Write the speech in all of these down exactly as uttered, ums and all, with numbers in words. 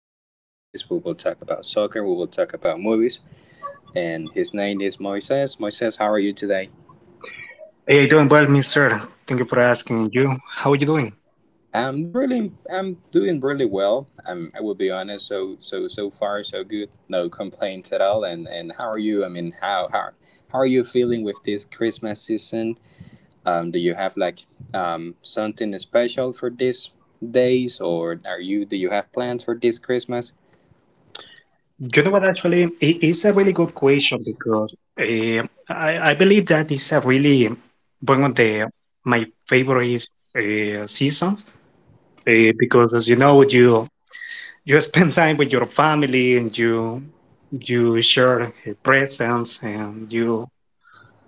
about hobbies, we will talk about soccer, we will talk about movies, and his name is Moises. Moises, how are you today? Hey, doing well, mister. Thank you for asking. And You, how are you doing? I'm really, I'm doing really well. I'm, I will be honest. So, so, so far, so good. No complaints at all. And, and how are you? I mean, how, how, how are you feeling with this Christmas season? Um, do you have like um, something special for these days, or are you do you have plans for this Christmas? You know what? Actually, it is a really good question because uh, I I believe that is a really one of the my favorite uh, seasons uh, because, as you know, you you spend time with your family, and you you share uh, presents, and you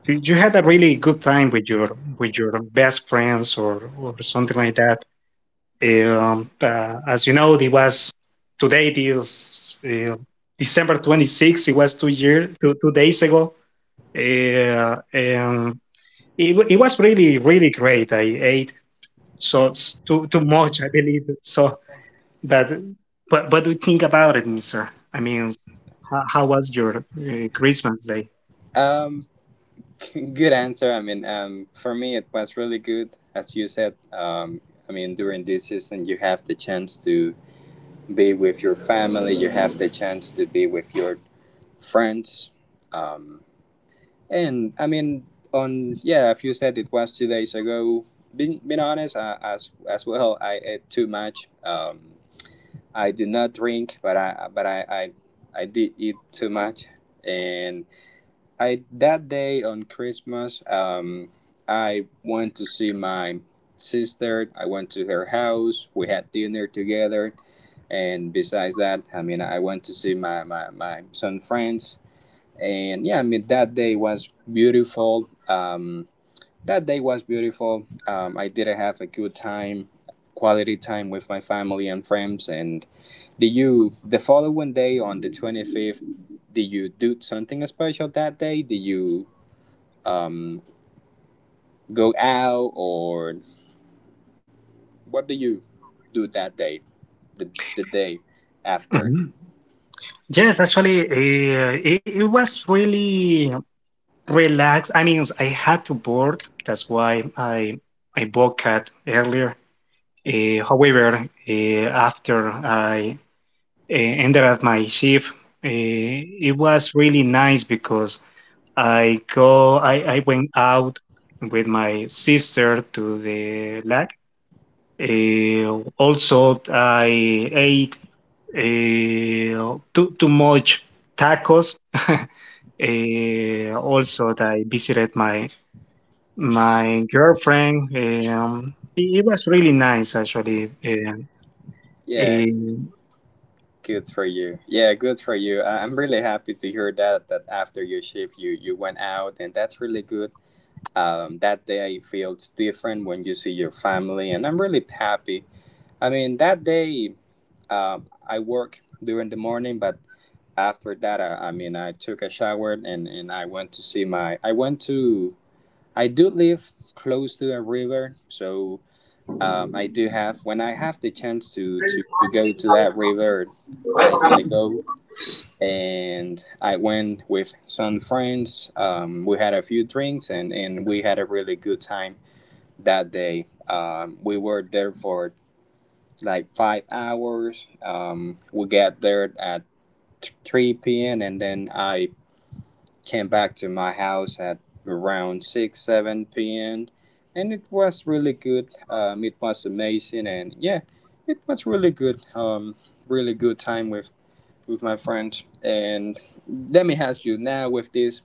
you you had a really good time with your with your best friends, or or something like that. Um, uh, as you know, it was today. This uh, December twenty-sixth. It was two year, two, two days ago. Uh, and it, wa- it was really, really great. I ate so s- too too much, I believe. So, but but what do you think about it, Mister? I mean, s- how, how was your uh, Christmas day? Um, good answer. I mean, um, for me it was really good, as you said. Um, I mean, during this season, you have the chance to be with your family. You have the chance to be with your friends. Um, and I mean, on yeah, if you said it was two days ago, being being honest, uh, as as well, I ate too much. Um, I did not drink, but I but I, I I did eat too much, and I that day on Christmas, um, I went to see my sister. I went to her house. We had dinner together, and besides that, I mean, I went to see my my my son friends, and yeah, I mean that day was beautiful. Um, that day was beautiful. Um, I did have a good time, quality time with my family and friends. And did you, the following day on the twenty-fifth, did you do something special that day? Did you um, go out or what do you do that day, the, the day after? Mhm. Yes, actually, uh, it, it was really. Relax. I mean, I had to work. That's why I I bought cat earlier. Uh, however, uh, after I uh, ended up my shift, uh, it was really nice because I go I, I went out with my sister to the lake. Uh, also, I ate uh, too too much tacos. Uh, also, I visited my my girlfriend. Um, it, it was really nice, actually. Um, Yeah, um, good for you. Yeah, good for you. I- I'm really happy to hear that that after your shift you you went out and that's really good. Um, that day feels different when you see your family and I'm really happy. I mean that day, um, I work during the morning, but after that, I, I mean I took a shower and, and I went to see my. I went to. I do live close to a river, so um, I do have when I have the chance to to, to go to that river, i i go. And I went with some friends. Um, we had a few drinks and, and we had a really good time that day. Um, we were there for like five hours. Um, we got there at three p m and then I came back to my house at around six seven p m and it was really good. Um, it was amazing and yeah, it was really good. Um, really good time with with my friends. And let me ask you now with this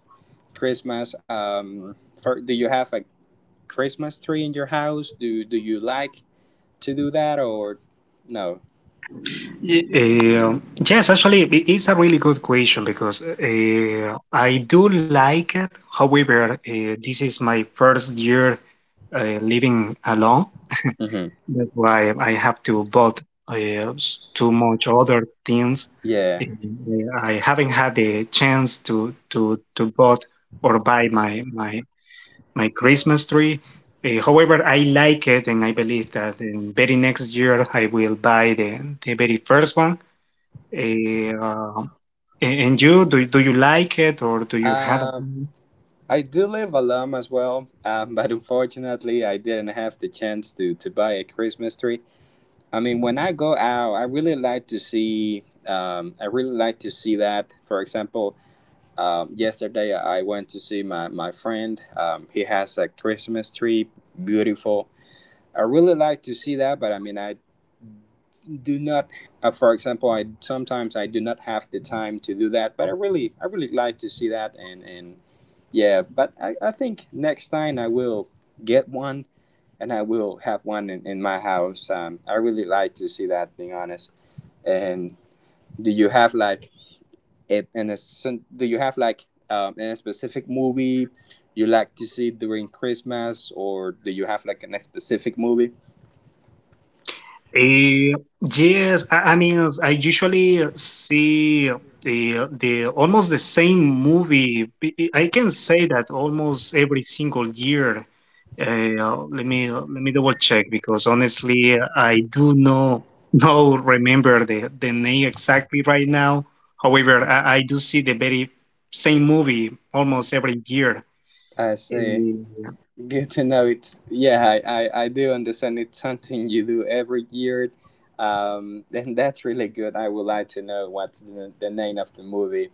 Christmas, um, for, do you have a Christmas tree in your house? Do do you like to do that or no? uh, yes, actually, it- it's a really good question because uh, I do like it. However, uh, this is my first year uh, living alone. Hmm. That's why I have to bought uh, s- too much other things. Yeah. Um, uh, I haven't had the chance to to to bought or buy my my my Christmas tree. Uh, however, I like it, and I believe that in very next year I will buy the the very first one. Uh, and and you, do do you like it, or do you have? Uh, I do live alone as well, um, but unfortunately, I didn't have the chance to, to buy a Christmas tree. I mean, when I go out, I really like to see. Um, I really like to see that. For example, um, yesterday I went to see my my friend. Um, he has a Christmas tree, beautiful. I really like to see that, but I mean, I do not uh, for example, I sometimes I do not have the time to do that, but i really I really like to see that, and and yeah, but i, I think next time I will get one and I will have one in, in my house. Um, I really like to see that, being honest. And do you have like it and Do you have like um, a specific movie you like to see during Christmas? Or do you have like a specific movie Eh, yes, I, I mean, I usually see the the almost the same movie. I I- I can say that almost every single year. Eh, Uh, let me let me double check because, honestly, I do know no remember the the name exactly right now. However, I, I do see the very same movie almost every year. I see. Uh, Good to know. It's yeah, I, I, I do understand it's something you do every year. Um, and that's really good. I would like to know what's the, the name of the movie.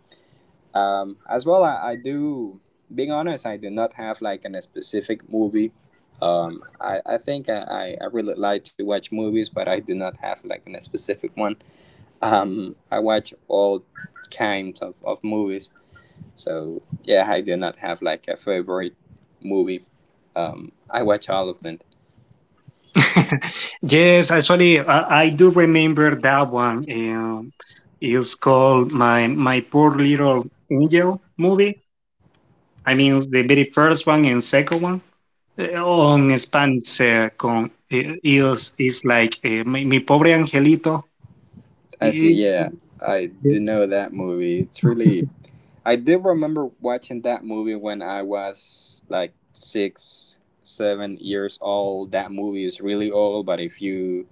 Um, as well, I, I do, being honest, I do not have like an, a specific movie. Um, I, I think I, I I really like to watch movies, but I do not have like an, a specific one. Um, I watch all kinds of, of movies. So yeah, I did not have like a favorite movie. Um, I watch all of them. Yes, actually, I, I do remember that one. Um, it's called my my poor little angel movie. I mean, the very first one and second one Uh, on Spanish. Uh, con, eh, is is like eh, mi, mi pobre angelito. I see. Is Yeah, I do know that movie. It's really. I do remember watching that movie when I was like six, seven years old. That movie is really old, but if you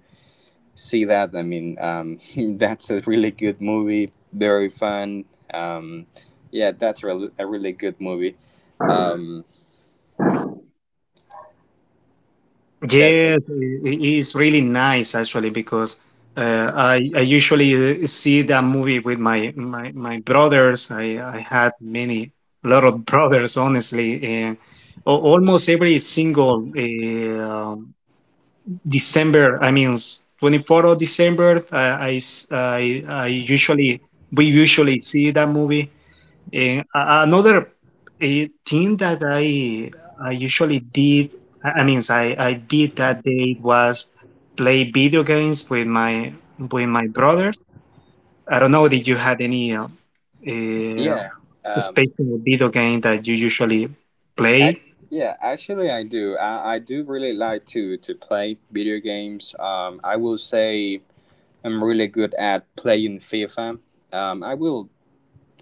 see that, I mean, um, that's a really good movie, very fun. Um, yeah, that's re- a really good movie. Um, that's, a- yes, i- i- it's really nice, actually, because uh, I I usually uh, see that movie with my my my brothers. I I had many a lot of brothers, honestly, and al- almost every single uh, December. I mean, twenty fourth of December. I I s- I I usually we usually see that movie, and a- another eh, thing that I I usually did, I I mean, I, I did that day was play video games with my with my brothers. I don't know, did you had any uh, uh, yeah. Um, special video game that you usually play? Ac yeah, actually, I do. I, I do really like to to play video games. Um, I will say I'm really good at playing FIFA. Um, I will.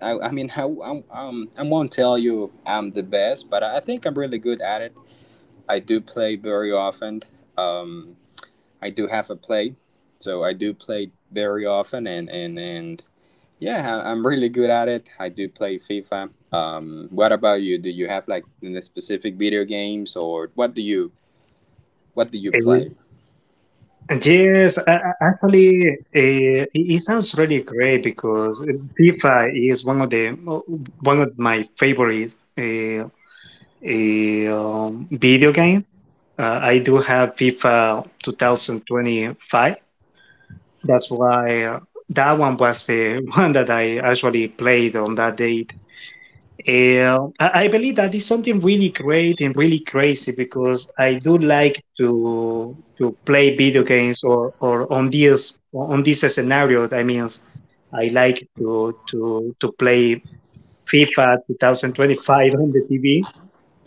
I, I mean, I, I, um, I won't tell you I'm the best, but I think I'm really good at it. I do play very often. Um, I do have a play, so I do play very often, and and and yeah, I- am really good at it. I do play FIFA. Um, what about you? Do you have like the specific video games, or what do you what do you Eh, play? Yes, a- a- actually, uh, it it sounds really great because, eh, FIFA is one of the one of my favorite uh, uh, video games. Uh, I do have FIFA twenty twenty-five. That's why uh, that one was the one that I actually played on that date. And I I believe that is something really great and really crazy because I do like to to play video games, or, or on this on this scenario. That means I like to to to play FIFA twenty twenty-five on the T V,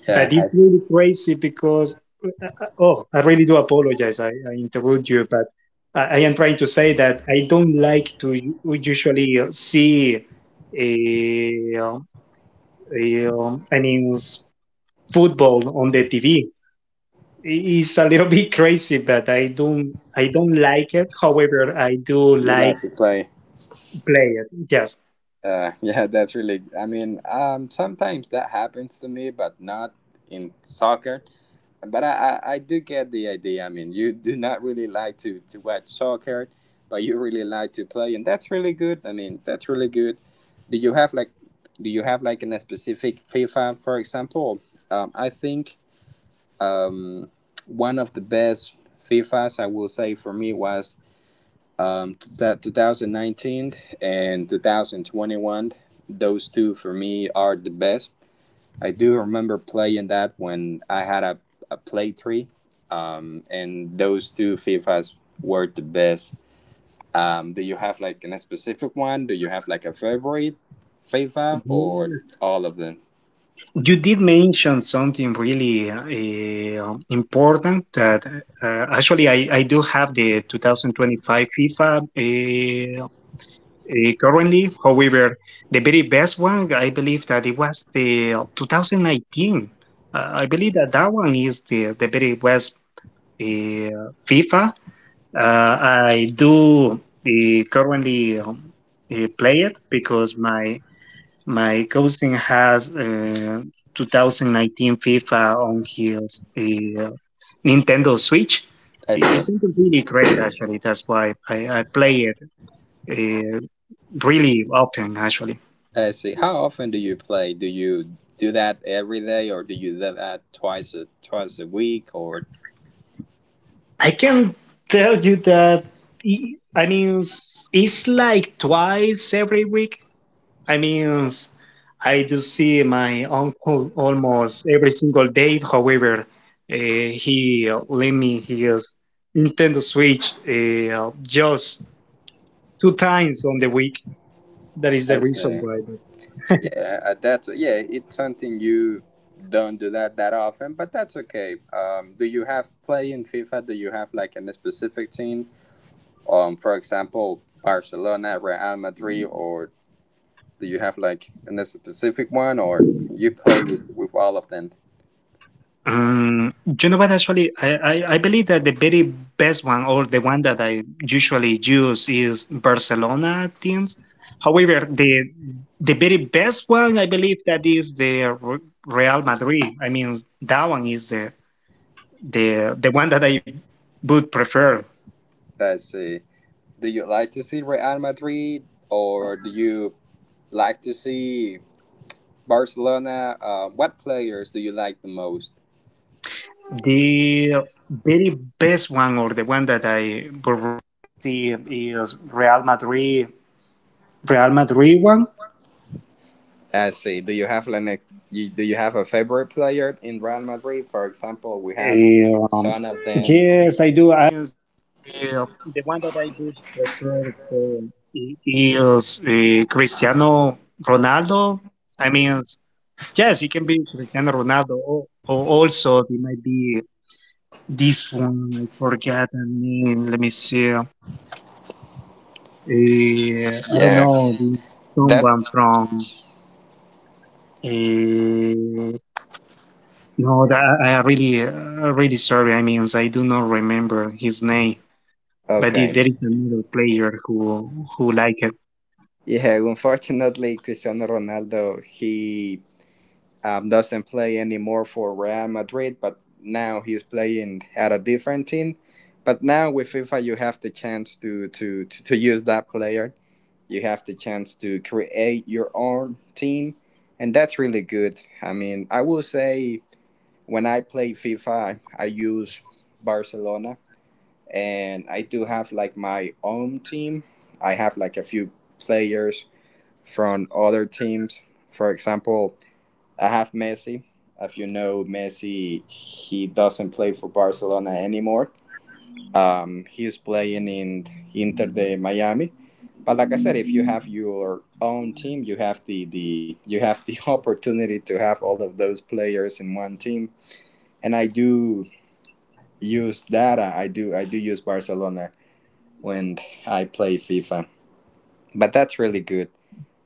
Yeah, but it's I, really crazy because, uh, uh, oh, I really do apologize. I, I interrupt you, but I, I am trying to say that I don't like to u- usually uh, see, a, um, a, um, I mean, s- football on the T V. It's a little bit crazy, but I don't, I don't like it. However, I do you like like to play. play it. Yes. Uh, yeah, that's really. I mean, um, sometimes that happens to me, but not in soccer. But I, I, I do get the idea. I mean, you do not really like to, to watch soccer, but you really like to play, and that's really good. I mean, that's really good. Do you have like, do you have like in a specific FIFA, for example? Um, I think um, one of the best FIFAs I will say for me was um, that two thousand nineteen and twenty twenty-one. Those two for me are the best. I do remember playing that when I had a, a Play three, um, and those two FIFAs were the best. Um, do you have like a specific one? Do you have like a favorite FIFA or all of them? You did mention something really uh, important that uh, actually I, I do have the twenty twenty-five FIFA uh, uh, currently. However, the very best one, I believe that it was the twenty nineteen. Uh, I believe that that one is the, the very best uh, FIFA. Uh, I do uh, currently um, uh, play it because my my cousin has uh, two thousand nineteen FIFA on his uh, Nintendo Switch. I see. It's something really great, actually. That's why I, I play it uh, really often, actually. I see. How often do you play? Do you do that every day or do you do that twice a, twice a week or. I can tell you that, i I mean, it's, it's like twice every week. I mean, I do see my uncle almost every single day. However, uh, he lent me his Nintendo Switch uh, just two times on the week. That is the I reason see. why. Yeah, uh, that's yeah. It's something you don't do that that often, but that's okay. Um, do you have play in FIFA? Do you have like a specific team? Um, for example, Barcelona, Real Madrid, or do you have like a specific one, or you play with, with all of them? Um, you know what? Actually, I, I, I believe that the very best one, or the one that I usually use, is Barcelona teams. However, the the very best one, I believe that is the Re- Real Madrid. I mean, that one is the the the one that I would prefer. Let's uh, do you like to see Real Madrid, or do you like to see Barcelona? Uh, what players do you like the most? The very best one, or the one that I I see. Do you have an ex- you, do you have a favorite player in Real Madrid? For example, we have some of them. Sí. Y, y os, eh, Cristiano Ronaldo, I mean, yes, he can be Cristiano Ronaldo, or, or also he might be this one. I forget the name. Let me see. Uh, I don't know Yeah, the someone that. from. Uh, no, that I I really, uh, really sorry. I mean, I do not remember his name. But the- there Okay. is another player who who like Yeah, unfortunately, Cristiano Ronaldo he, um, doesn't play anymore for Real Madrid, but now he's playing at a different team. But now with FIFA, you have the chance to to to, to use that player. You have the chance to create your own team, and that's really good. I mean, I will say when I play FIFA, I use Barcelona, and I do have like my own team. I have like a few players from other teams. For example, I have Messi. If you know Messi, he doesn't play for Barcelona anymore. Um, he's playing in Inter de Miami. But like I said, if you have your own team, you have the, the you have the opportunity to have all of those players in one team. And I do use that. I do I do use Barcelona when I play FIFA. But that's really good.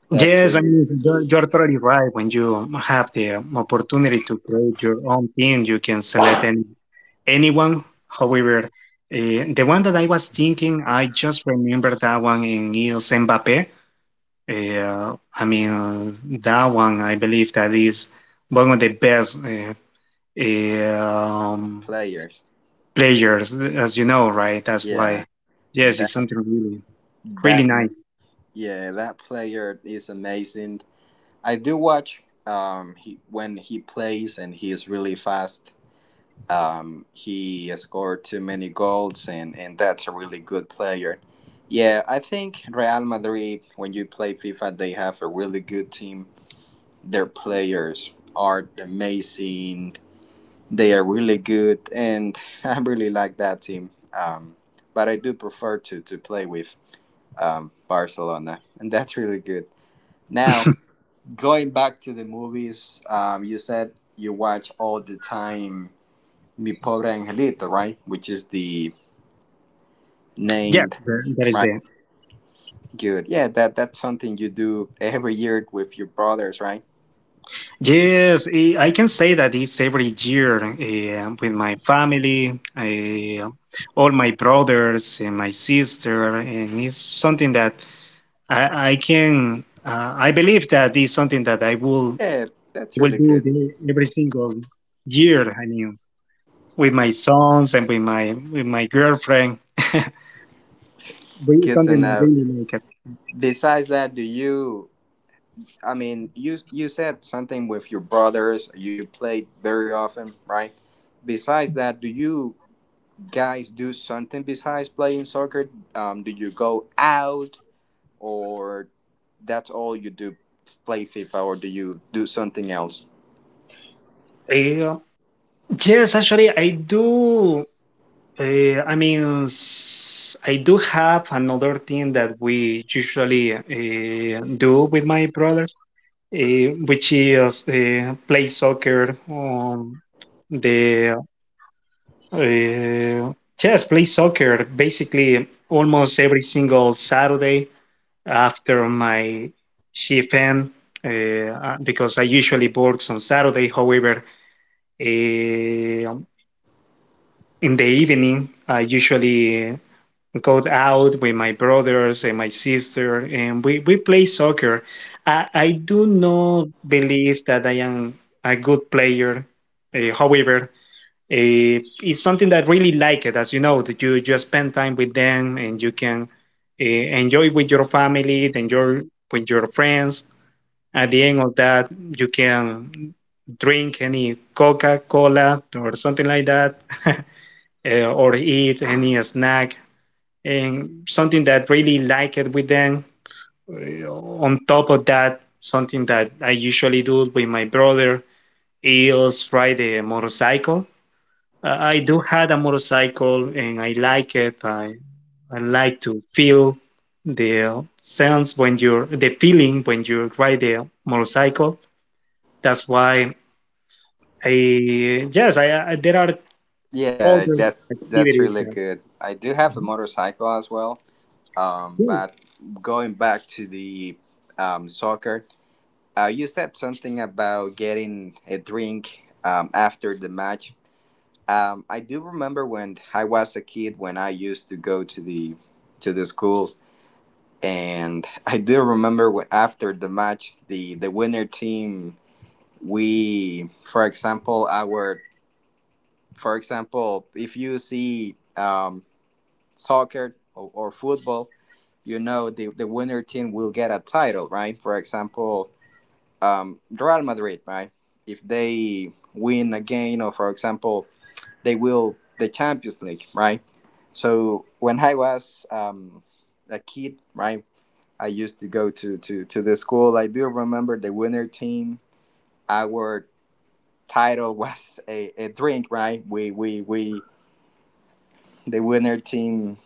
That's yes, I really mean, you're, you're totally right. When you have the um, opportunity to create your own team, you can select any, anyone. However, uh, the one that I was thinking, I just remember that one in Niels Mbappe. Uh, I mean, uh, that one, I believe that is one of the best uh, um, players. players, as you know, right? That's Yeah, why, yes, that it's something really, really that ma- nice. yeah, that player is amazing. I do watch um he when he plays and he is really fast. Um, he scored too many goals and and that's a really good player. Yeah, I think Real Madrid when you play FIFA they have a really good team. Their players are amazing. They are really good, and I really like that team. Um, but I do prefer to to play with um, Barcelona, and that's really good. Now, going back to the movies, um, you said you watch all the time Mi Pobre Angelito, right? Which is the Yeah, named, that that is right? the Good. Yeah, that that's something you do every year with your brothers, right? yes, eh, I can say that it's every year eh, with my family, eh, all my brothers and my sister, and it's something that I, I can. Uh, I believe that it's something that I will Yeah, that's will really do good. the, every single year. I mean, with my sons and with my with my girlfriend, really Good to something that know. really make it. Besides that, do you? I mean, you you said something with your brothers. You played very often, right? Besides that, do you guys do something besides playing soccer? Um, do you go out, or that's all you do? Play FIFA, or do you do something else? Eh, yes, actually, I do. Uh, I mean, s- I do have another thing that we usually uh, do with my brother, uh, which is uh, play soccer on the uh, yes, play soccer basically almost every single Saturday after my shift end, uh, uh, because I usually work on Saturday. However, uh, in the evening, I usually go out with my brothers and my sister, and we, we play soccer. I, I do not believe that I am a good player. Uh, however, uh, it's something that I really like it, as you know, that you, you spend time with them, and you can uh, enjoy with your family, enjoy with your friends. At the end of that, you can drink any Coca Cola or something like that, uh, or eat any snack and something that really like it with them. Uh, On top of that, something that I usually do with my brother is ride a motorcycle. Uh, I do had a motorcycle and I like it. I I like to feel the sense when you're the feeling when you ride a motorcycle. That's why I yes I, I there are Yeah, other that's that's activities really that. good. I do have a motorcycle as well. Um, Hmm. but going back to the um, soccer, Uh, you said something about getting a drink um, after the match. Um, I do remember when I was a kid when I used to go to the to the school, and I do remember when after the match, the the winner team, we, for example, our, for example, if you see um, soccer or, or football, you know the the winner team will get a title, right? For example um, Real Madrid, right? If they win again, or for example, they will the Champions League, right? So when I was um, a kid, right, I used to go to, to, to the school. I do remember the winner team. Our title was a, a drink, right? We, we, we, the winner team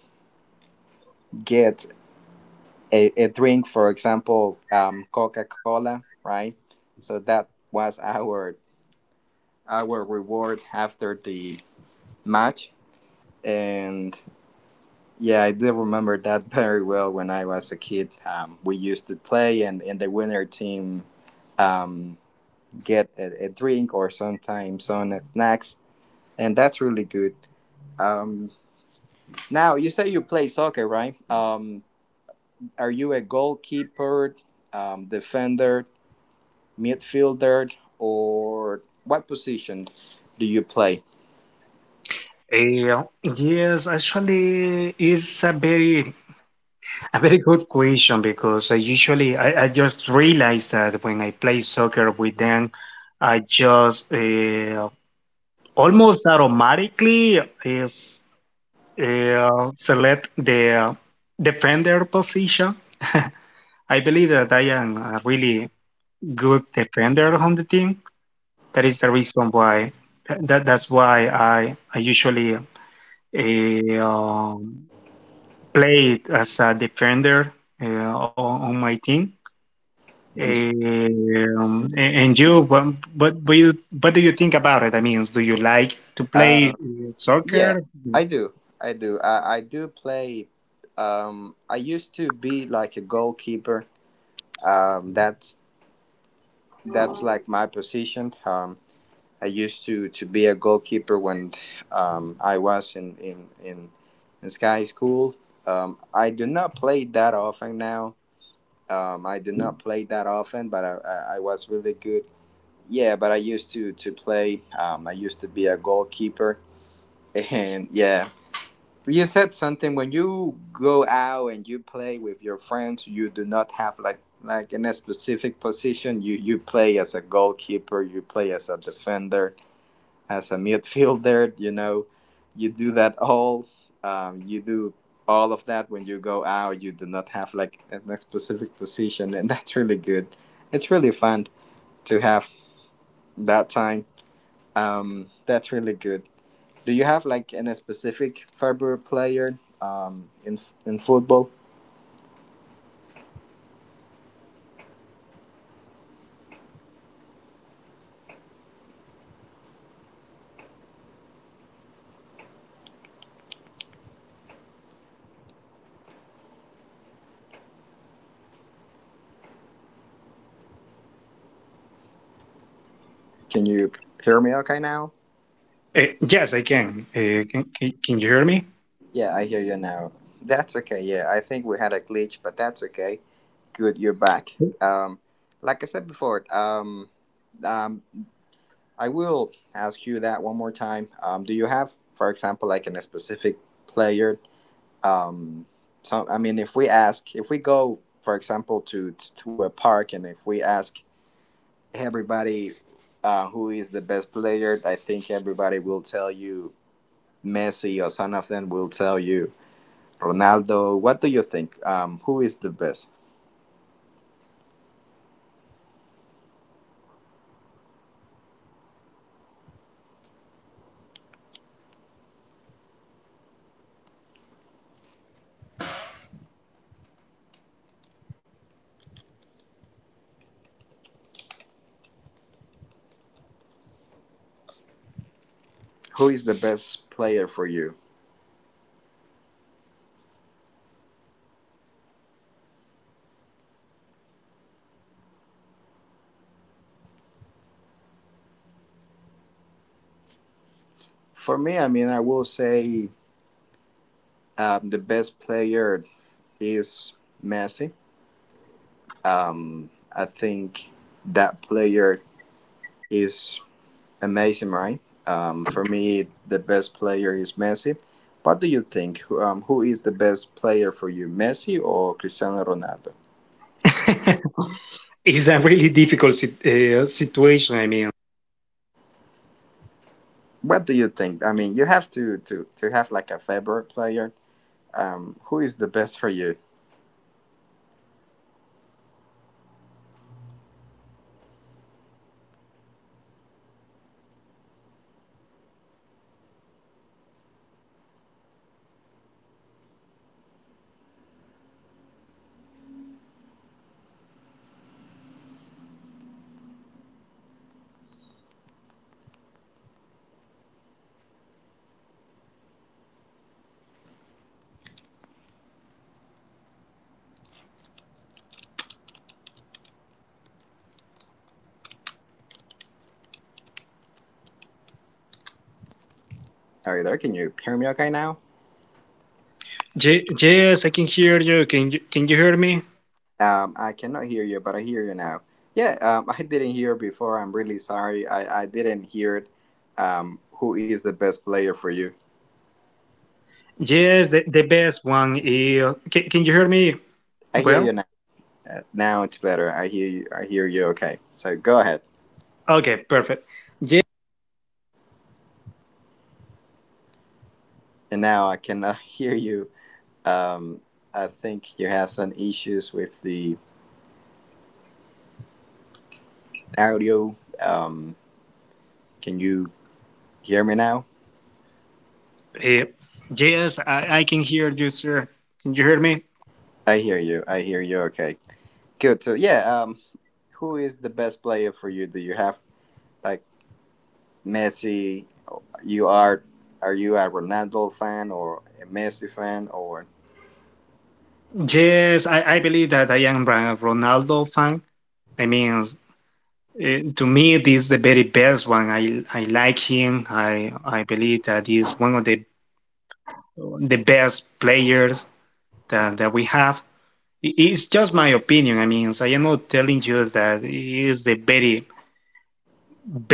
get a, a drink, for example, um, Coca Cola, right? So that was our our reward after the match. And yeah, I do remember that very well when I was a kid. Um, we used to play, and, and the winner team um, get a, a drink or sometimes some snacks, and that's really good. Um, Now, you say you play soccer, right? Um, are you a goalkeeper, um, defender, midfielder, or what position do you play? Uh, yes, actually, it's a very a very good question because I usually I, I just realized that when I play soccer with them, I just uh, almost automatically is uh, select the defender position. I believe that I am a really good defender on the team. That is the reason why that that's why I I usually uh, um, play as a defender uh, on on my team. Eh, Um, and you, what, what, what, you, what do you think about it? I mean, do you like to play Uh, uh, soccer? Yeah, I do. I do. I, I do play. Um, I used to be like a goalkeeper. Um, that's that's like my position. Um, I used to, to be a goalkeeper when um, I was in in in, in Sky School. Um, I do not play that often now. Um, I do not play that often, but I, I, I was really good. Yeah, but I used to to play. Um, I used to be a goalkeeper, and yeah, you said something when you go out and you play with your friends, you do not have like like in a specific position. You you play as a goalkeeper, you play as a defender, as a midfielder, you know. You do that all. Um, you do all of that when you go out. You do not have like a a specific position, and that's really good. It's really fun to have that time. Um, that's really good. Do you have like any specific favorite player um, in in football? Can you hear me okay now? Uh, yes, I can. Uh, can, can. Can you hear me? Yeah, I hear you now. That's okay. Yeah, I think we had a glitch, but that's okay. Good, you're back. Um, like I said before, um, um, I will ask you that one more time. Um, do you have, for example, like in a specific player? Um, so I mean, if we ask, if we go, for example, to to a park, and if we ask everybody uh, who is the best player, I think everybody will tell you Messi or some of them will tell you Ronaldo. What do you think? Um, who is the best? Who is the best player for you? For me, I mean, I will say um, the best player is Messi. Um, I think that player is amazing, right? Um, for me, the best player is Messi. What do you think? Um, who is the best player for you, Messi or Cristiano Ronaldo? It's a really difficult sit- uh, situation. I mean, What do you think? I mean, you have to to to have like a favorite player. Um, who is the best for you? Are you there? Can you hear me okay now? Ye- yes, I can hear you. Can you can you hear me? Um, I cannot hear you, but I hear you now. Yeah, um, I didn't hear before. I'm really sorry. I I didn't hear it. Um, who is the best player for you? Yes, the, the best one. Uh, can, can you hear me? I hear you Well, now. Uh, now it's better. I hear you. I hear you. Okay. So go ahead. okay, perfect. Yes, And now I cannot hear you. Um, I think you have some issues with the audio. Um, can you hear me now? yes, I, I can hear you, sir. Can you hear me? I hear you. I hear you. Okay. Good. So yeah. Um, who is the best player for you? Do you have like Messi? You are. Are you a Ronaldo fan or a Messi fan or? Yes, I, I believe that I am a Ronaldo fan. I mean, eh, to me, this is the very best one. I I like him. I I believe that he's one of the the best players that, that we have. I- It's just my opinion. I mean, I am not telling you that he is the very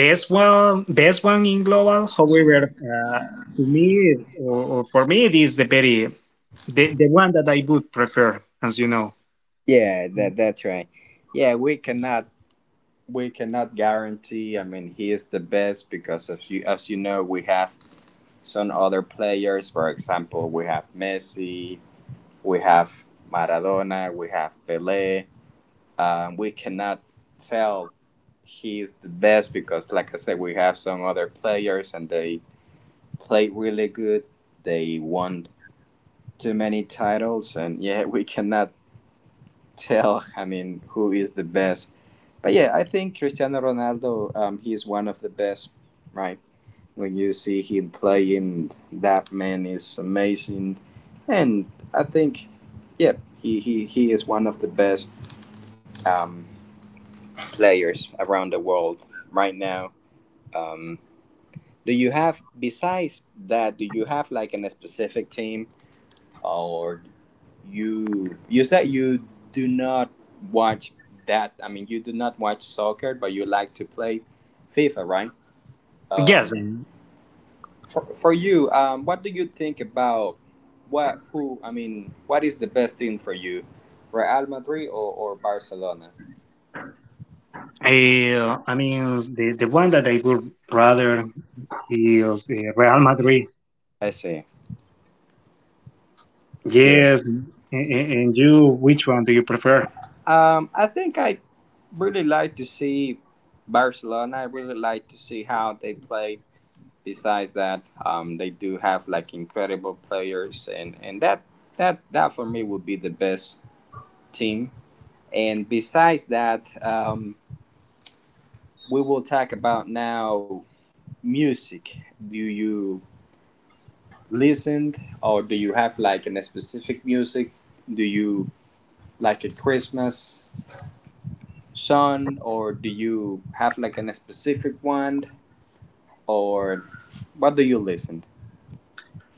best one, best one in global. However, uh, to me, or, or for me, it is the very the, the one that I would prefer, as you know. Yeah, that that's right. Yeah, we cannot we cannot guarantee. I mean, he is the best because as you as you know, we have some other players. For example, we have Messi, we have Maradona, we have Pelé. Um, we cannot tell he is the best because, like I said, we have some other players and they played really good. They won too many titles, and yeah, we cannot tell. I mean, who is the best? But yeah, I think Cristiano Ronaldo, um, he is one of the best, right? When you see him playing, that man is amazing. And I think, yeah, he, he, he is one of the best um, players around the world right now. Um, do you have, besides that, do you have like an, a specific team or you, you said you do not watch that, I mean, you do not watch soccer, but you like to play FIFA, right? Yes, Um, for for you, um, what do you think about what who? I mean, what is the best thing for you, Real Madrid or, or Barcelona? Eh, I mean, the, the one that I would rather is eh, Real Madrid. I see. Good. Yes, and, and you, which one do you prefer? Um, I think I really like to see Barcelona. I really like to see how they play. Besides that, um, they do have like incredible players, and and that that that for me would be the best team. And besides that, um, we will talk about now. Music do you listen or do you have like a specific music, do you like a Christmas song or do you have like a specific one or what do you listen?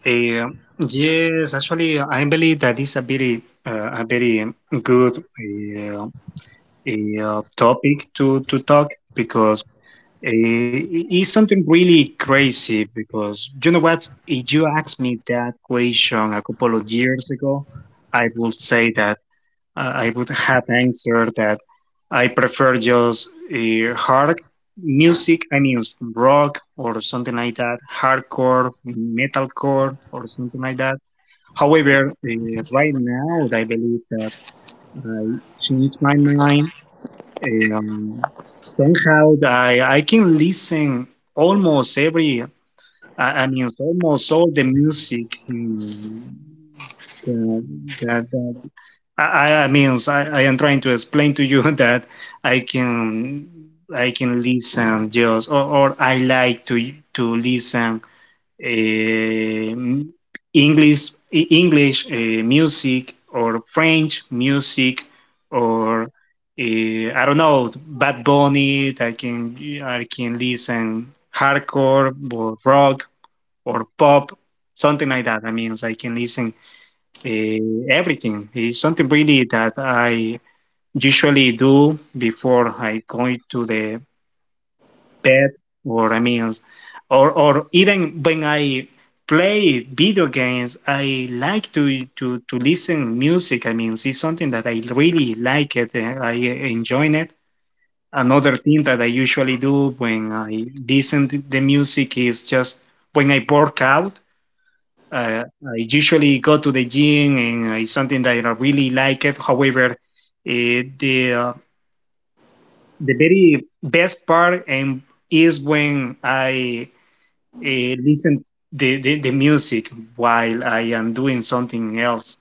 Eh, yes, actually, I believe that is a very, uh, a very um, good eh, eh, uh, topic to, to talk because eh, it's something really crazy. Because you know what? If you asked me that question a couple of years ago, I would say that I I would have answered that I prefer just uh, hard music. I mean, s- rock or something like that, hardcore, metalcore, or something like that. However, uh, right now, I believe that I changed my mind. Um, somehow, I I can listen almost every. I, I mean, almost all the music in, that, that I, I I means I, I am trying to explain to you that I can I can listen just or, or I like to to listen um English E- English uh, music or French music or uh, I don't know Bad Bunny. I can I can listen hardcore or rock or pop something like that. I mean, I can listen eh, everything. Is something really that I usually do before I go to the bed or I mean, or or even when I play video games, I like to to to listen music. I mean, it's something that I really like it. And I enjoy it. Another thing that I usually do when I listen to the music is just when I work out. Uh, I usually go to the gym, and it's something that I really like it. However, eh, the uh, the very best part and is when I uh, listen the, the the music while I am doing something else.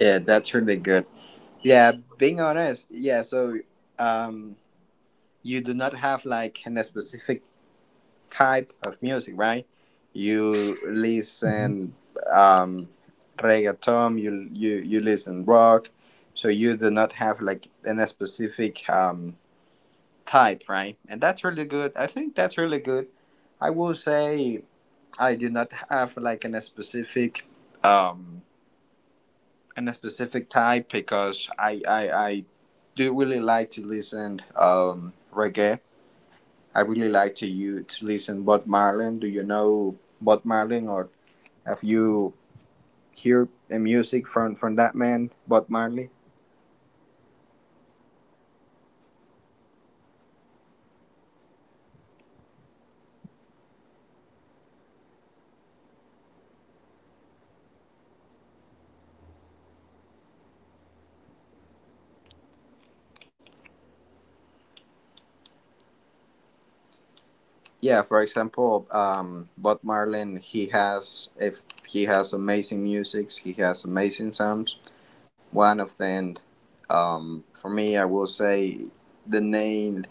Yeah, that's really good. Yeah, being honest, yeah, so um you do not have like a specific type of music, right? You Mhm. listen um, reggaeton, you, you you listen rock, so you do not have like in a specific um, type, right? And that's really good. I think that's really good. I will say I do not have like in a specific um, in a specific type because I I, I do really like to listen um, reggae. I really like to you to listen Bob Marlin. Do you know Bob Marlin or have you heard a music from from that man Bob Marley? Yeah, for example, um, Bob Marlin. He has if he has amazing music. He has amazing songs. One of them, um, for me, I will say the name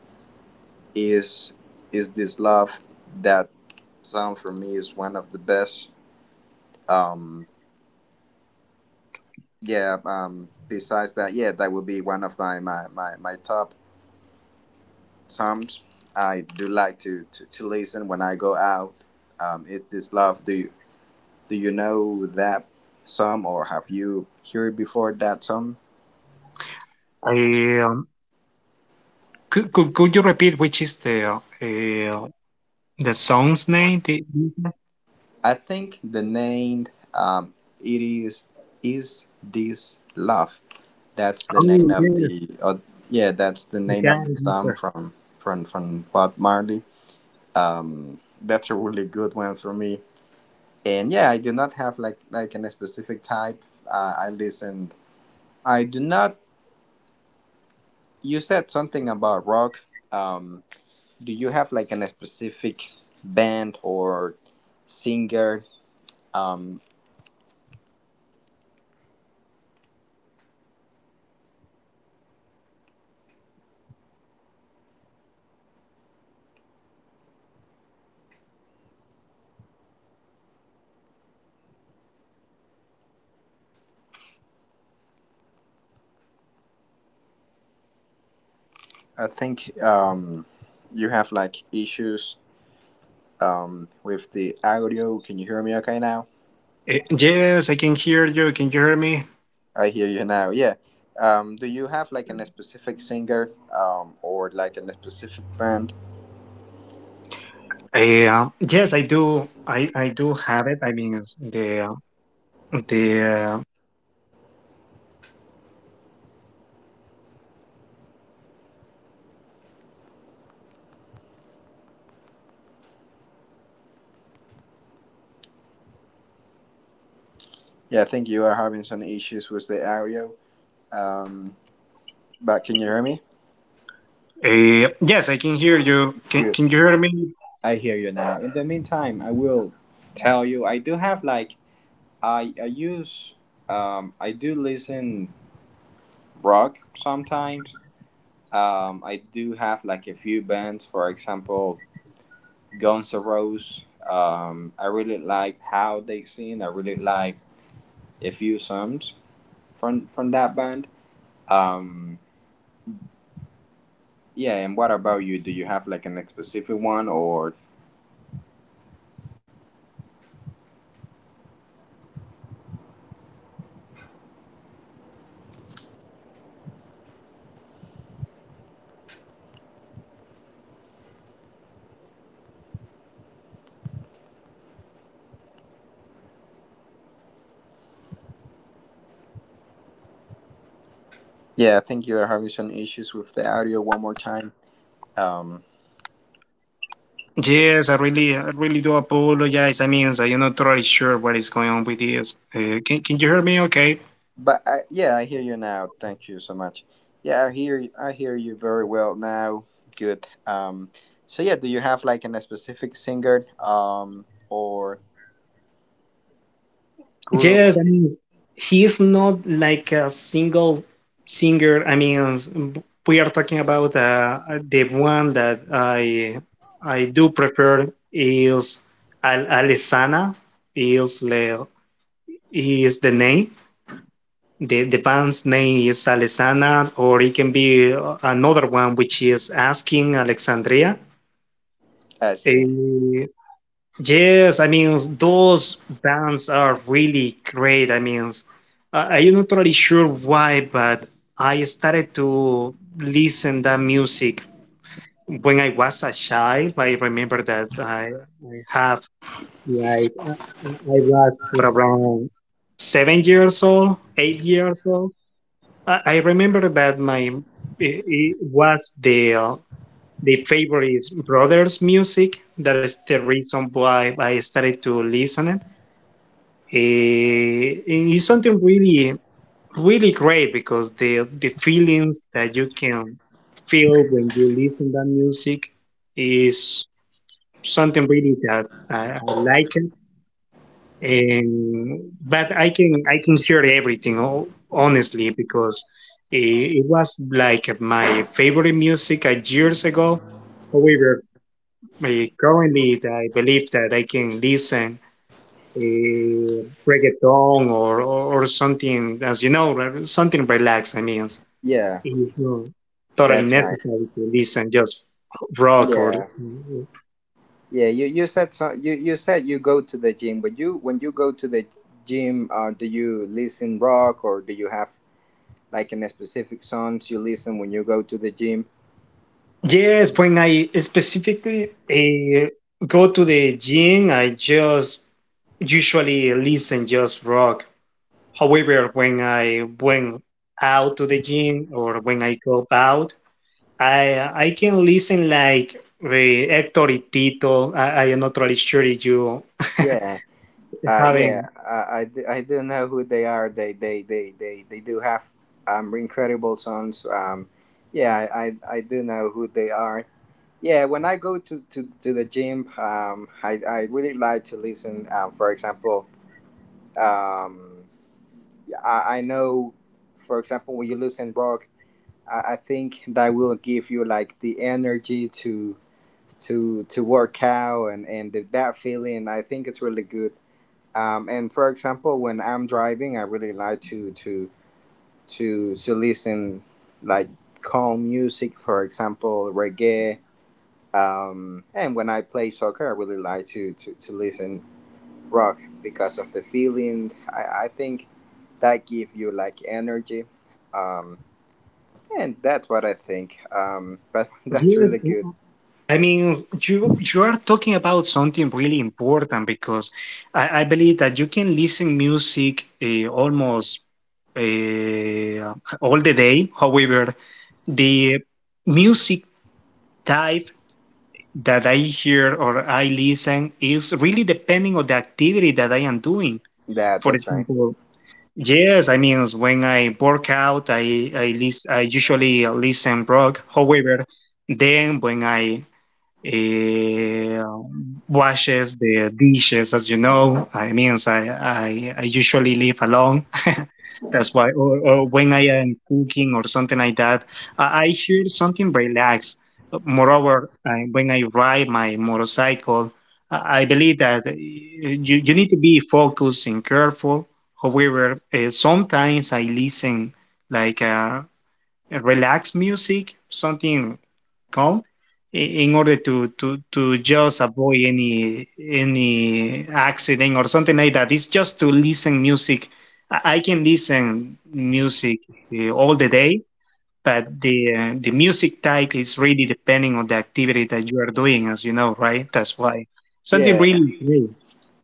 is is this love. That song for me is one of the best. Um, Yeah, um, besides that, yeah, that would be one of my, my, my, my top songs. I do like to, to, to listen when I go out. Um, it's this love. Do you, do you know that song or have you heard before that song? I, um, could, could could you repeat which is the uh, uh, the song's name? The, I think the name um, it is is this love. That's the oh name of yes, the uh, yeah. That's the you name got of it, the song mister. from from from Bob Marley. Um, that's a really good one for me. And yeah, I do not have like like an specific type. uh, I listen I do not, you said something about rock. um do you have like an specific band or singer? um I think um you have like issues um with the audio. Can you hear me okay now? Eh, yes, I can hear you. Can you hear me? I hear you now, yeah. Um do you have like an specific singer um or like an specific band? Uh, yes, I do. I, I do have it. I mean, it's the the uh, Yeah, I think you are having some issues with the audio. Um, but can you hear me? uh, yes, I can hear you. Can, can you Good. hear me? I hear you now. In the meantime, I will tell you I do have like I I use um I do listen rock sometimes. Um, I do have like a few bands, for example, Guns N' Roses. Um, I really like how they sing. I really like a few songs from from that band. Um, yeah. And what about you? Do you have like an specific one or, yeah, I think you are having some issues with the audio one more time. Um, Yes, I really I really do apologize. I mean, I'm not totally sure what is going on with this. Uh, can can you hear me? Okay. but I, yeah, I hear you now. Thank you so much. Yeah, I hear you, I hear you very well now. Good. Um, so yeah, do you have like an, a specific singer um, or group? Yes, I mean, he's not like a single singer. I mean, we are talking about uh, the one that I I do prefer is Al Alessana. Is Le is the name. The, the band's name is Alessana, or it can be uh, another one, which is Asking Alexandria. I see. Eh, yes, I mean, those bands are really great. I mean, I- I'm not really sure why, but I started to listen that music when I was a child. I remember that I, I have, like, I I was around seven years old, eight years old. I I remember that my it it was the uh, the favorite brothers music. That is the reason why I started to listen it. Eh, and it's something really really great because the the feelings that you can feel when you listen that music is something really that I, I like. And but I can I can hear everything ho- honestly because it, it was like my favorite music uh, years ago. However, uh, currently I believe that I can listen uh, reggaeton or, or or something as you know re- something relaxed. I mean, it's Yeah, not totally that's right. necessary to listen just rock or. Yeah, yeah. You you said so, you you said you go to the gym, but you when you go to the gym, uh, do you listen rock or do you have like an specific songs you listen when you go to the gym? Yes, when I specifically uh, go to the gym, I just usually listen just rock. However, when I went out to the gym or when I go out, I I can listen like uh, Hector y Tito. I, I am not really sure if you Yeah. Uh, haven't. Yeah, I, I, do- I do know who they are. They they they they, they do have um incredible songs. Um, yeah, I, I I do know who they are. Yeah, when I go to, to, to the gym, um, I, I really like to listen. Um, for example, um, I, I know, for example, when you listen rock, I, I think that will give you like the energy to to to work out and and that feeling. I think it's really good. Um, and for example, when I'm driving, I really like to to to to listen like calm music, for example, reggae. Um, and when I play soccer, I really like to to, to listen rock because of the feeling. I, I think that give you like energy, um, and that's what I think. Um, but that's Yes, really good. I mean, you you are talking about something really important because I, I believe that you can listen music uh, almost uh, all the day. However, the music type that I hear or I listen is really depending on the activity that I am doing. That For that's right. example, yes, I mean when I work out, I I, lis- I usually listen rock. However, then when I eh, washes the dishes. As you know, I means I, I, I usually live alone. That's why, or, or when I am cooking or something like that, I, I hear something relaxed. Moreover, I, when I ride my motorcycle, I, I believe that eh, you, you need to be focused and careful. However, uh, sometimes I listen like uh, relaxed music, something com i- in order to, to, to just avoid any any accident or something like that. It's just to listen music. I I can listen music uh, all the day, but the uh, the music type is really depending on the activity that you are doing, as you know, right? That's why something Yeah. really great.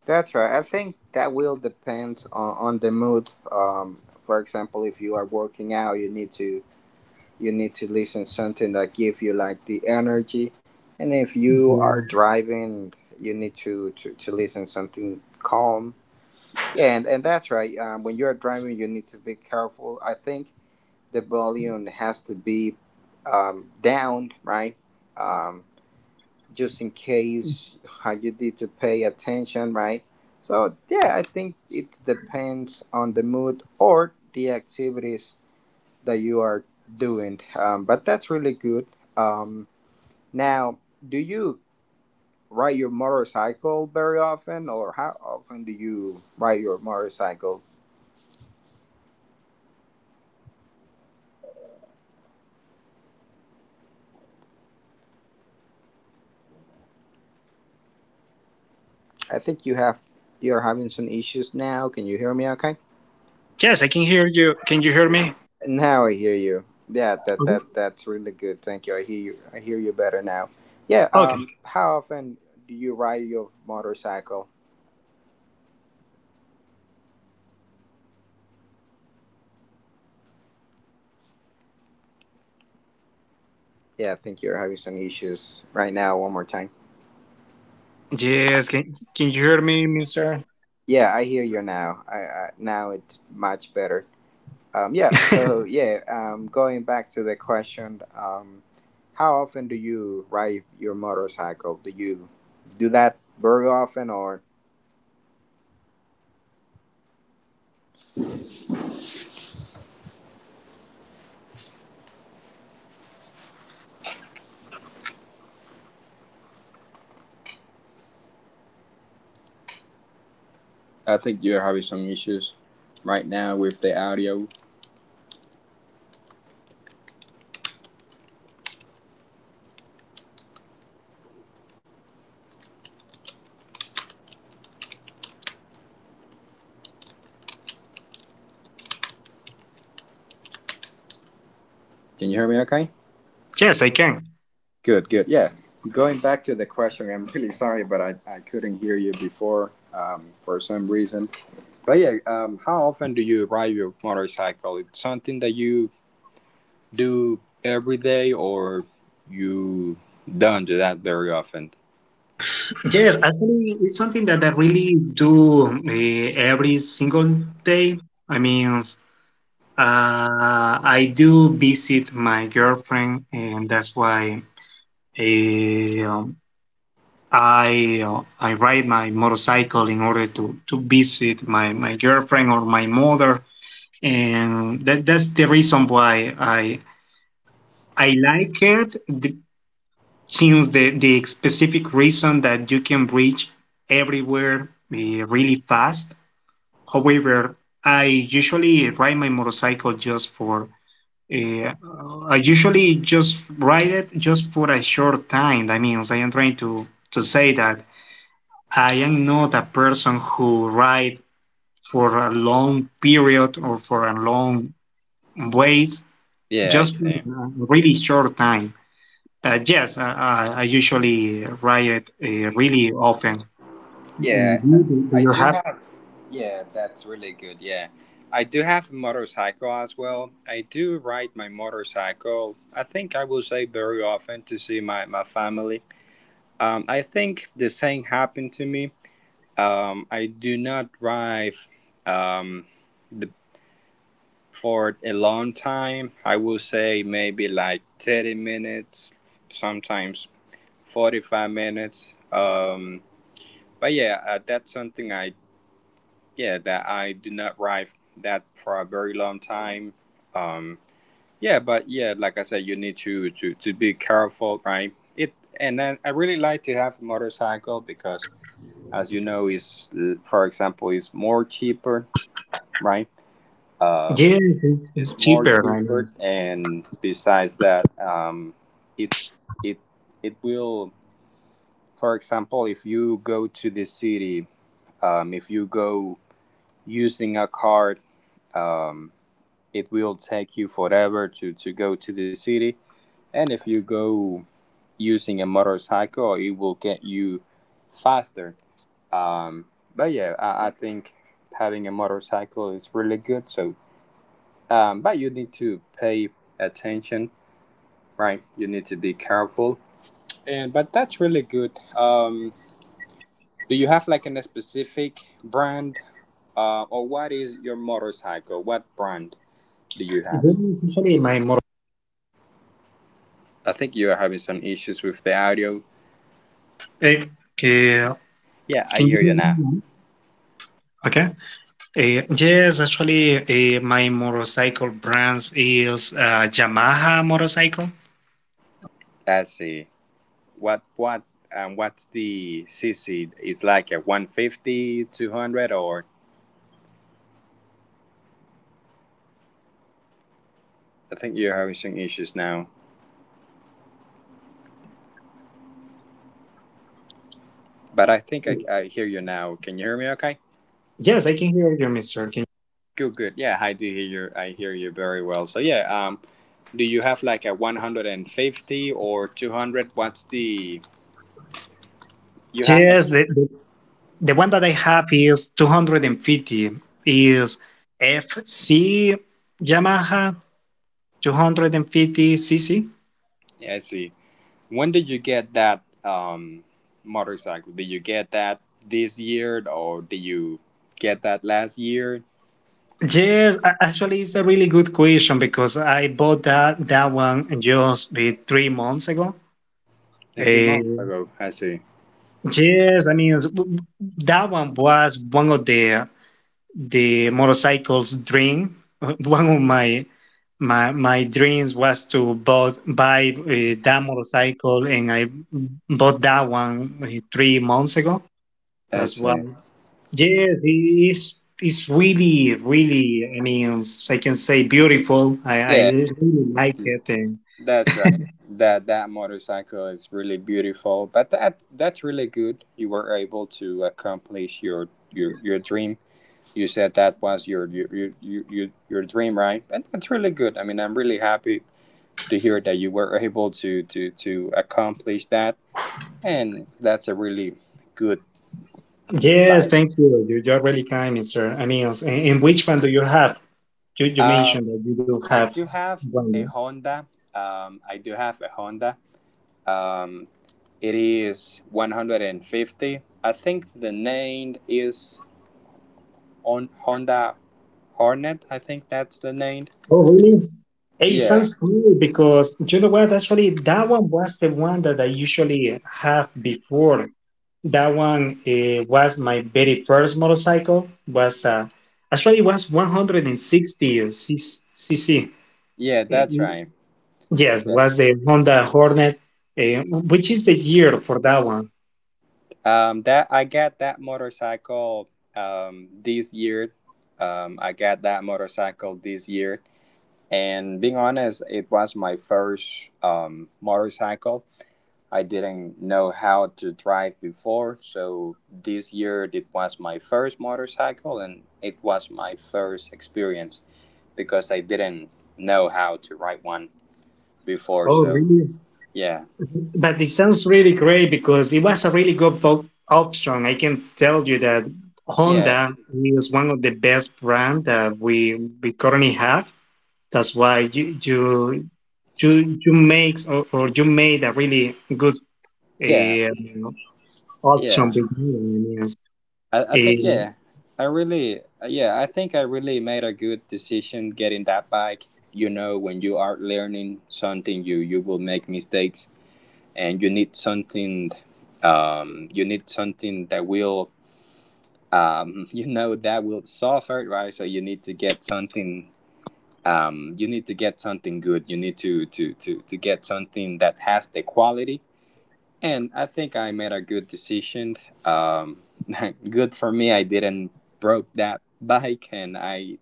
That's right. I think that will depend on, on the mood. Um, for example, if you are working out, you need to you need to listen something that give you like the energy, and if you are Yeah. driving, you need to to, to listen something calm. Yeah, and, and that's right. Um, when you're driving, you need to be careful. I think the volume has to be um, down, right? Um, just in case how you need to pay attention, right? So yeah, I think it depends on the mood or the activities that you are doing. Um, but that's really good. Um, Now, do you ride your motorcycle very often, or how often do you ride your motorcycle? I think you have you're having some issues now. Can you hear me? Okay. Yes, I can hear you. Can you hear me? Now I hear you. Yeah, that Okay. that that's really good. Thank you. I hear you. I hear you better now. Yeah. Okay. Um. How often do you ride your motorcycle? Yeah, I think you're having some issues right now. One more time. Yes. Can Can you hear me, Mister? Yeah, I hear you now. I, I now it's much better. Um. Yeah. So yeah. Um. Going back to the question. Um. How often do you ride your motorcycle? Do you do that very often, or? I think you're having some issues right now with the audio. Can you hear me okay? Yes, I can. Good, good. Yeah. Going back to the question, I'm really sorry, but I, I couldn't hear you before, um, for some reason. But yeah, um, how often do you ride your motorcycle? It's something that you do every day, or you don't do that very often? Yes, actually, it's something that I really do uh, every single day. I mean, uh, I do visit my girlfriend, and that's why uh, I uh, I ride my motorcycle in order to visit my my girlfriend or my mother, and that that's the reason why I I like it since the, the specific reason that you can reach everywhere uh, really fast. However, I usually ride my motorcycle just for uh, I usually just ride it just for a short time. That means I am trying to to say that I am not a person who ride for a long period or for a long ways, Yeah, I just see. for a really short time. Uh, yes, uh, I I usually ride uh, really often. And Yeah, you, do do I you do have? have. Yeah, that's really good. Yeah. I do have a motorcycle as well. I do ride my motorcycle. I think I will say very often to see my, my family. Um, I think the same happened to me. Um, I do not drive, um, the, for a long time. I will say maybe like 30 minutes, sometimes 45 minutes. Um, but yeah, uh, that's something I, yeah, that I do not drive that for a very long time. Um, yeah, but yeah, like I said, you need to, to, to be careful, right? It, and then I really like to have a motorcycle because as you know, is uh, for example is more cheaper, right? Yes, Um, it's, it's it's more cheaper. I mean, cheaper, and besides that, um, it it it will, for example, if you go to the city, um, if you go using a card, um, it will take you forever to to go to the city, and if you go using a motorcycle, it will get you faster. Um, but yeah, I, I think having a motorcycle is really good. So, um, but you need to pay attention, right? You need to be careful. And But that's really good. Um, do you have like an, a specific brand, uh, or what is your motorcycle? What brand do you it's have? usually my motor. I think you are having some issues with the audio. Uh, can you Yeah, I hear hear you me now. now? Okay. Uh, yes, actually, uh, my motorcycle brands is uh, Yamaha motorcycle. Let's see. What what um, what's the C C? It's like a one fifty, two hundred, or I think you're having some issues now, but I think I, I hear you now. Can you hear me? Okay. Yes, I can hear you, Mister. Good. Can- Good. Yeah, I do hear you. I hear you very well. So yeah. Um, do you have like a one hundred fifty or two hundred? What's the you have? A, Yes, the, the the one that I have is two hundred fifty is F C Yamaha two hundred fifty c c? Yeah, I see. When did you get that um motorcycle? Did you get that this year or did you get that last year? Yes, a- actually, it's a really good question because I bought that that one just be three months ago. A few months Eh, ago. I see. yes, I mean w- w- that one was one of the the motorcycles dream. Uh, one of my my my dreams was to bought, buy uh, that motorcycle, and I bought that one uh, three months ago. I That's why. see. Yes, it's it's really, really. I mean, I can say beautiful. I I Yeah. really like it. And That's right. That that motorcycle is really beautiful, but that that's really good. You were able to accomplish your your your dream. You said that was your your your your, your your dream, right? And that's really good. I mean, I'm really happy to hear that you were able to to to accomplish that, and that's a really good yes, bike. thank you. You you're really kind, Mister. I mean, and, and which one do you have? You you Uh, mentioned that you do I have do have a one. Honda. Um, I do have a Honda. Um, it is one hundred fifty. I think the name is on Honda Hornet. I think that's the name. Oh, really? Hey, Yeah, sounds cool because you know what? Actually, that one was the one that I usually have before. That one uh, was my very first motorcycle. Was uh, actually it was one hundred sixty cc. yeah, that's Mm, right. yes, Yeah. was the Honda Hornet. Uh, which is the year for that one? Um, that I got that motorcycle um this year. Um, I got that motorcycle this year, and being honest, it was my first um motorcycle. I didn't know how to drive before, so this year it was my first motorcycle and it was my first experience because I didn't know how to ride one before, Oh, so really? yeah. But it sounds really great because it was a really good op- option. I can tell you that Yeah. Honda is one of the best brand that we we currently have. That's why you you you, you makes or, or you made a really good Yeah. um, option Yeah. with Honda. Yes. I, I think. Um, Yeah. I really Yeah, I think I really made a good decision getting that bike. You know, when you are learning something, you you will make mistakes, and you need something um you need something that will, um, you know that will solve it, right? So you need to get something um, you need to get something good. You need to to to to get something that has the quality, and I think I made a good decision. um, Good for me, I didn't broke that bike, and i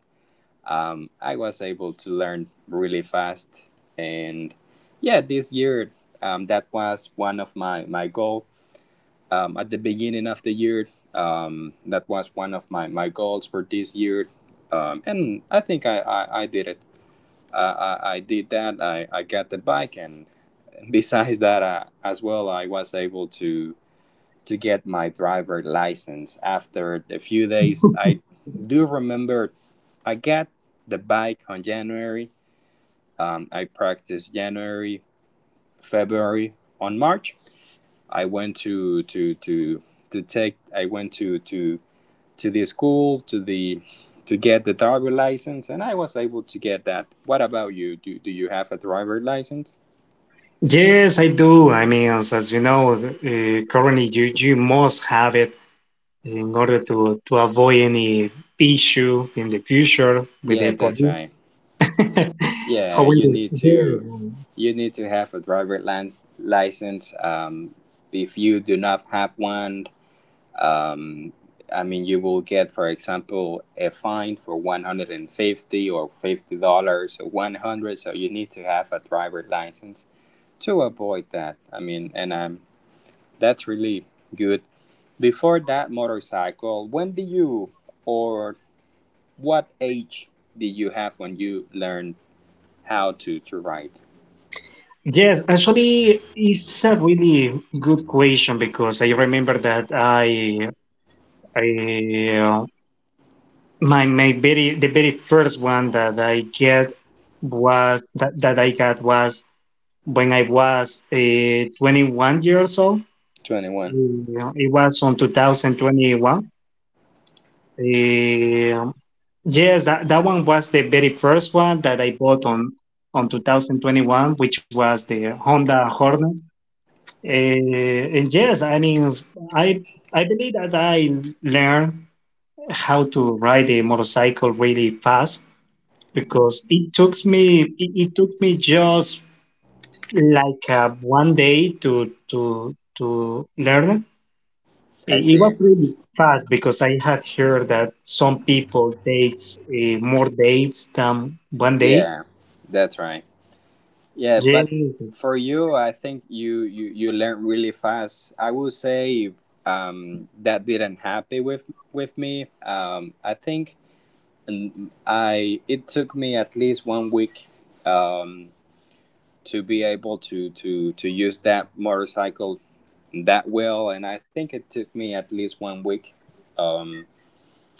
um, i was able to learn really fast. And yeah, this year, um, that was one of my my goal. Um, at the beginning of the year. Um, that was one of my, my goals for this year. Um, and I think I, I, I did it. I, I, I did that. I, I got the bike. And besides that, uh, as well, I was able to, to get my driver license after a few days. I do remember I got the bike on January. Um, I practiced January, February. On March, I went to, to, to, to take, I went to, to to the school to the to get the driver license, and I was able to get that. What about you, do, do you have a driver license? yes, I do. I mean, as, as you know, uh, currently you, you must have it in order to, to avoid any issue in the future with the Yeah, that's police. right. Yeah, However, you need yes, to um, you need to have a driver lance, license, um, if you do not have one. um, I mean, you will get for example a fine for one hundred fifty or fifty dollars or one hundred. So you need to have a driver license to avoid that. I mean, and I'm That's really good. Before that motorcycle, when did you or what age did you have when you learned how to, to ride? yes, actually, it's a really good question because I remember that I, I, uh, my, my very, the very first one that I get was that, that I got was when I was uh, twenty-one years old. twenty-one. Uh, It was on two thousand twenty-one. Uh, yes, that, that one was the very first one that I bought on on two thousand twenty-one, which was the Honda Hornet. Uh, and yes, I mean, I I believe that I learned how to ride a motorcycle really fast because it took me it, it took me just like uh, one day to to to learn. I It see. was really fast because I had heard that some people dates uh, more dates than one day. Yeah, that's right. Yeah, but Yes, for you, I think you you you learn really fast. I will say, um, that didn't happen with with me. Um, I think, mm, I it took me at least one week, um, to be able to to to use that motorcycle that well. And I think it took me at least one week. um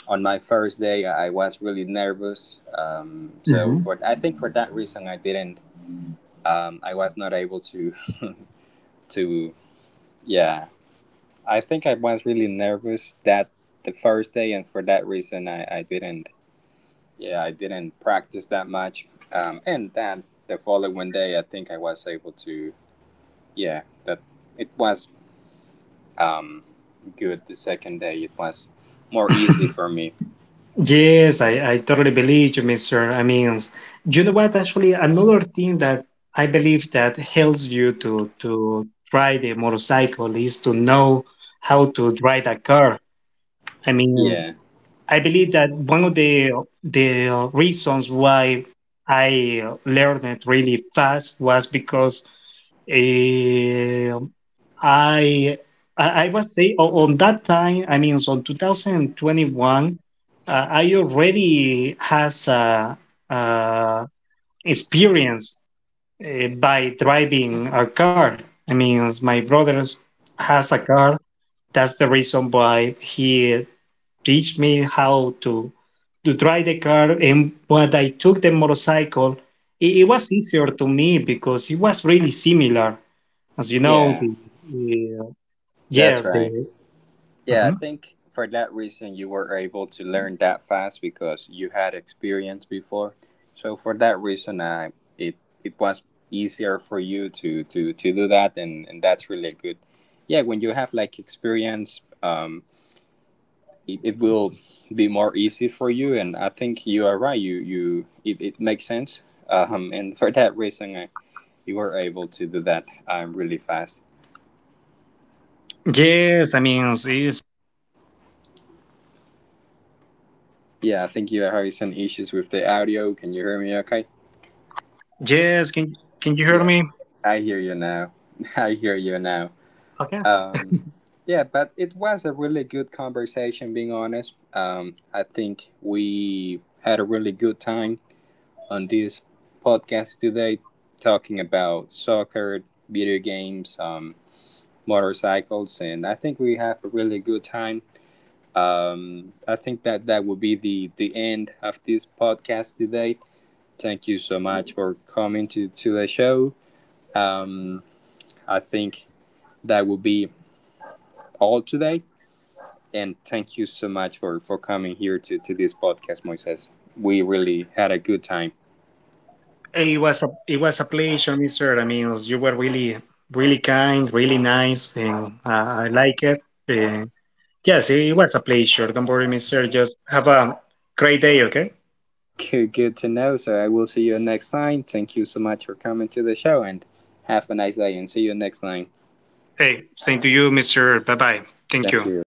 on my first day, I was really nervous, um so mhm. for I think for that reason, I didn't, um I was not able to to yeah, I think I was really nervous that the first day, and for that reason, i i didn't, yeah, I didn't practice that much. Um and then the following day, I think I was able to, yeah, that it was, um, good the second day. It was more easy for me. Yes, I, I totally believe you, Mister I mean, you know what? Actually, another thing that I believe that helps you to to ride a motorcycle is to know how to drive a car. I mean, Yeah, I believe that one of the the reasons why I learned it really fast was because Eh, I I I was say on, on that time. I mean, so two thousand twenty-one, uh, I already has uh, uh, experience uh, by driving a car. I mean, as my brother has a car. That's the reason why he teach me how to to drive the car. And when I took the motorcycle, it, it was easier to me because it was really similar. As you know, yeah, the, uh, that's yes, right. the Yeah, I mhm. think for that reason you were able to learn that fast because you had experience before. So for that reason, I it it was easier for you to to to do that, and and that's really good. Yeah, when you have like experience, um, it, it will be more easy for you, and I think you are right. You you it, it makes sense. Um, and for that reason, I, you were able to do that, um, really fast. Yes. I mean, is Yeah, I think you are having some issues with the audio. Can you hear me okay? yes. Can can you hear Yeah, me? I hear you now. I hear you now. Okay. Um, yeah, but it was a really good conversation, being honest. Um, I think we had a really good time on this podcast today, talking about soccer, video games, um, motorcycles, and I think we have a really good time. Um, I think that that will be the the end of this podcast today. Thank you so much for coming to to the show. Um, I think that will be all today, and thank you so much for for coming here to to this podcast, Moises. We really had a good time. It was a it was a pleasure, Mister. I mean, you were really really kind, really nice, and uh, I like it. Uh, yes, it was a pleasure. Don't worry, Mister. Just have a great day. Okay. Good, good to know. So I will see you next time. Thank you so much for coming to the show, and have a nice day. And see you next time. Hey, same to you, Mister. Bye bye. Thank Thank you. you.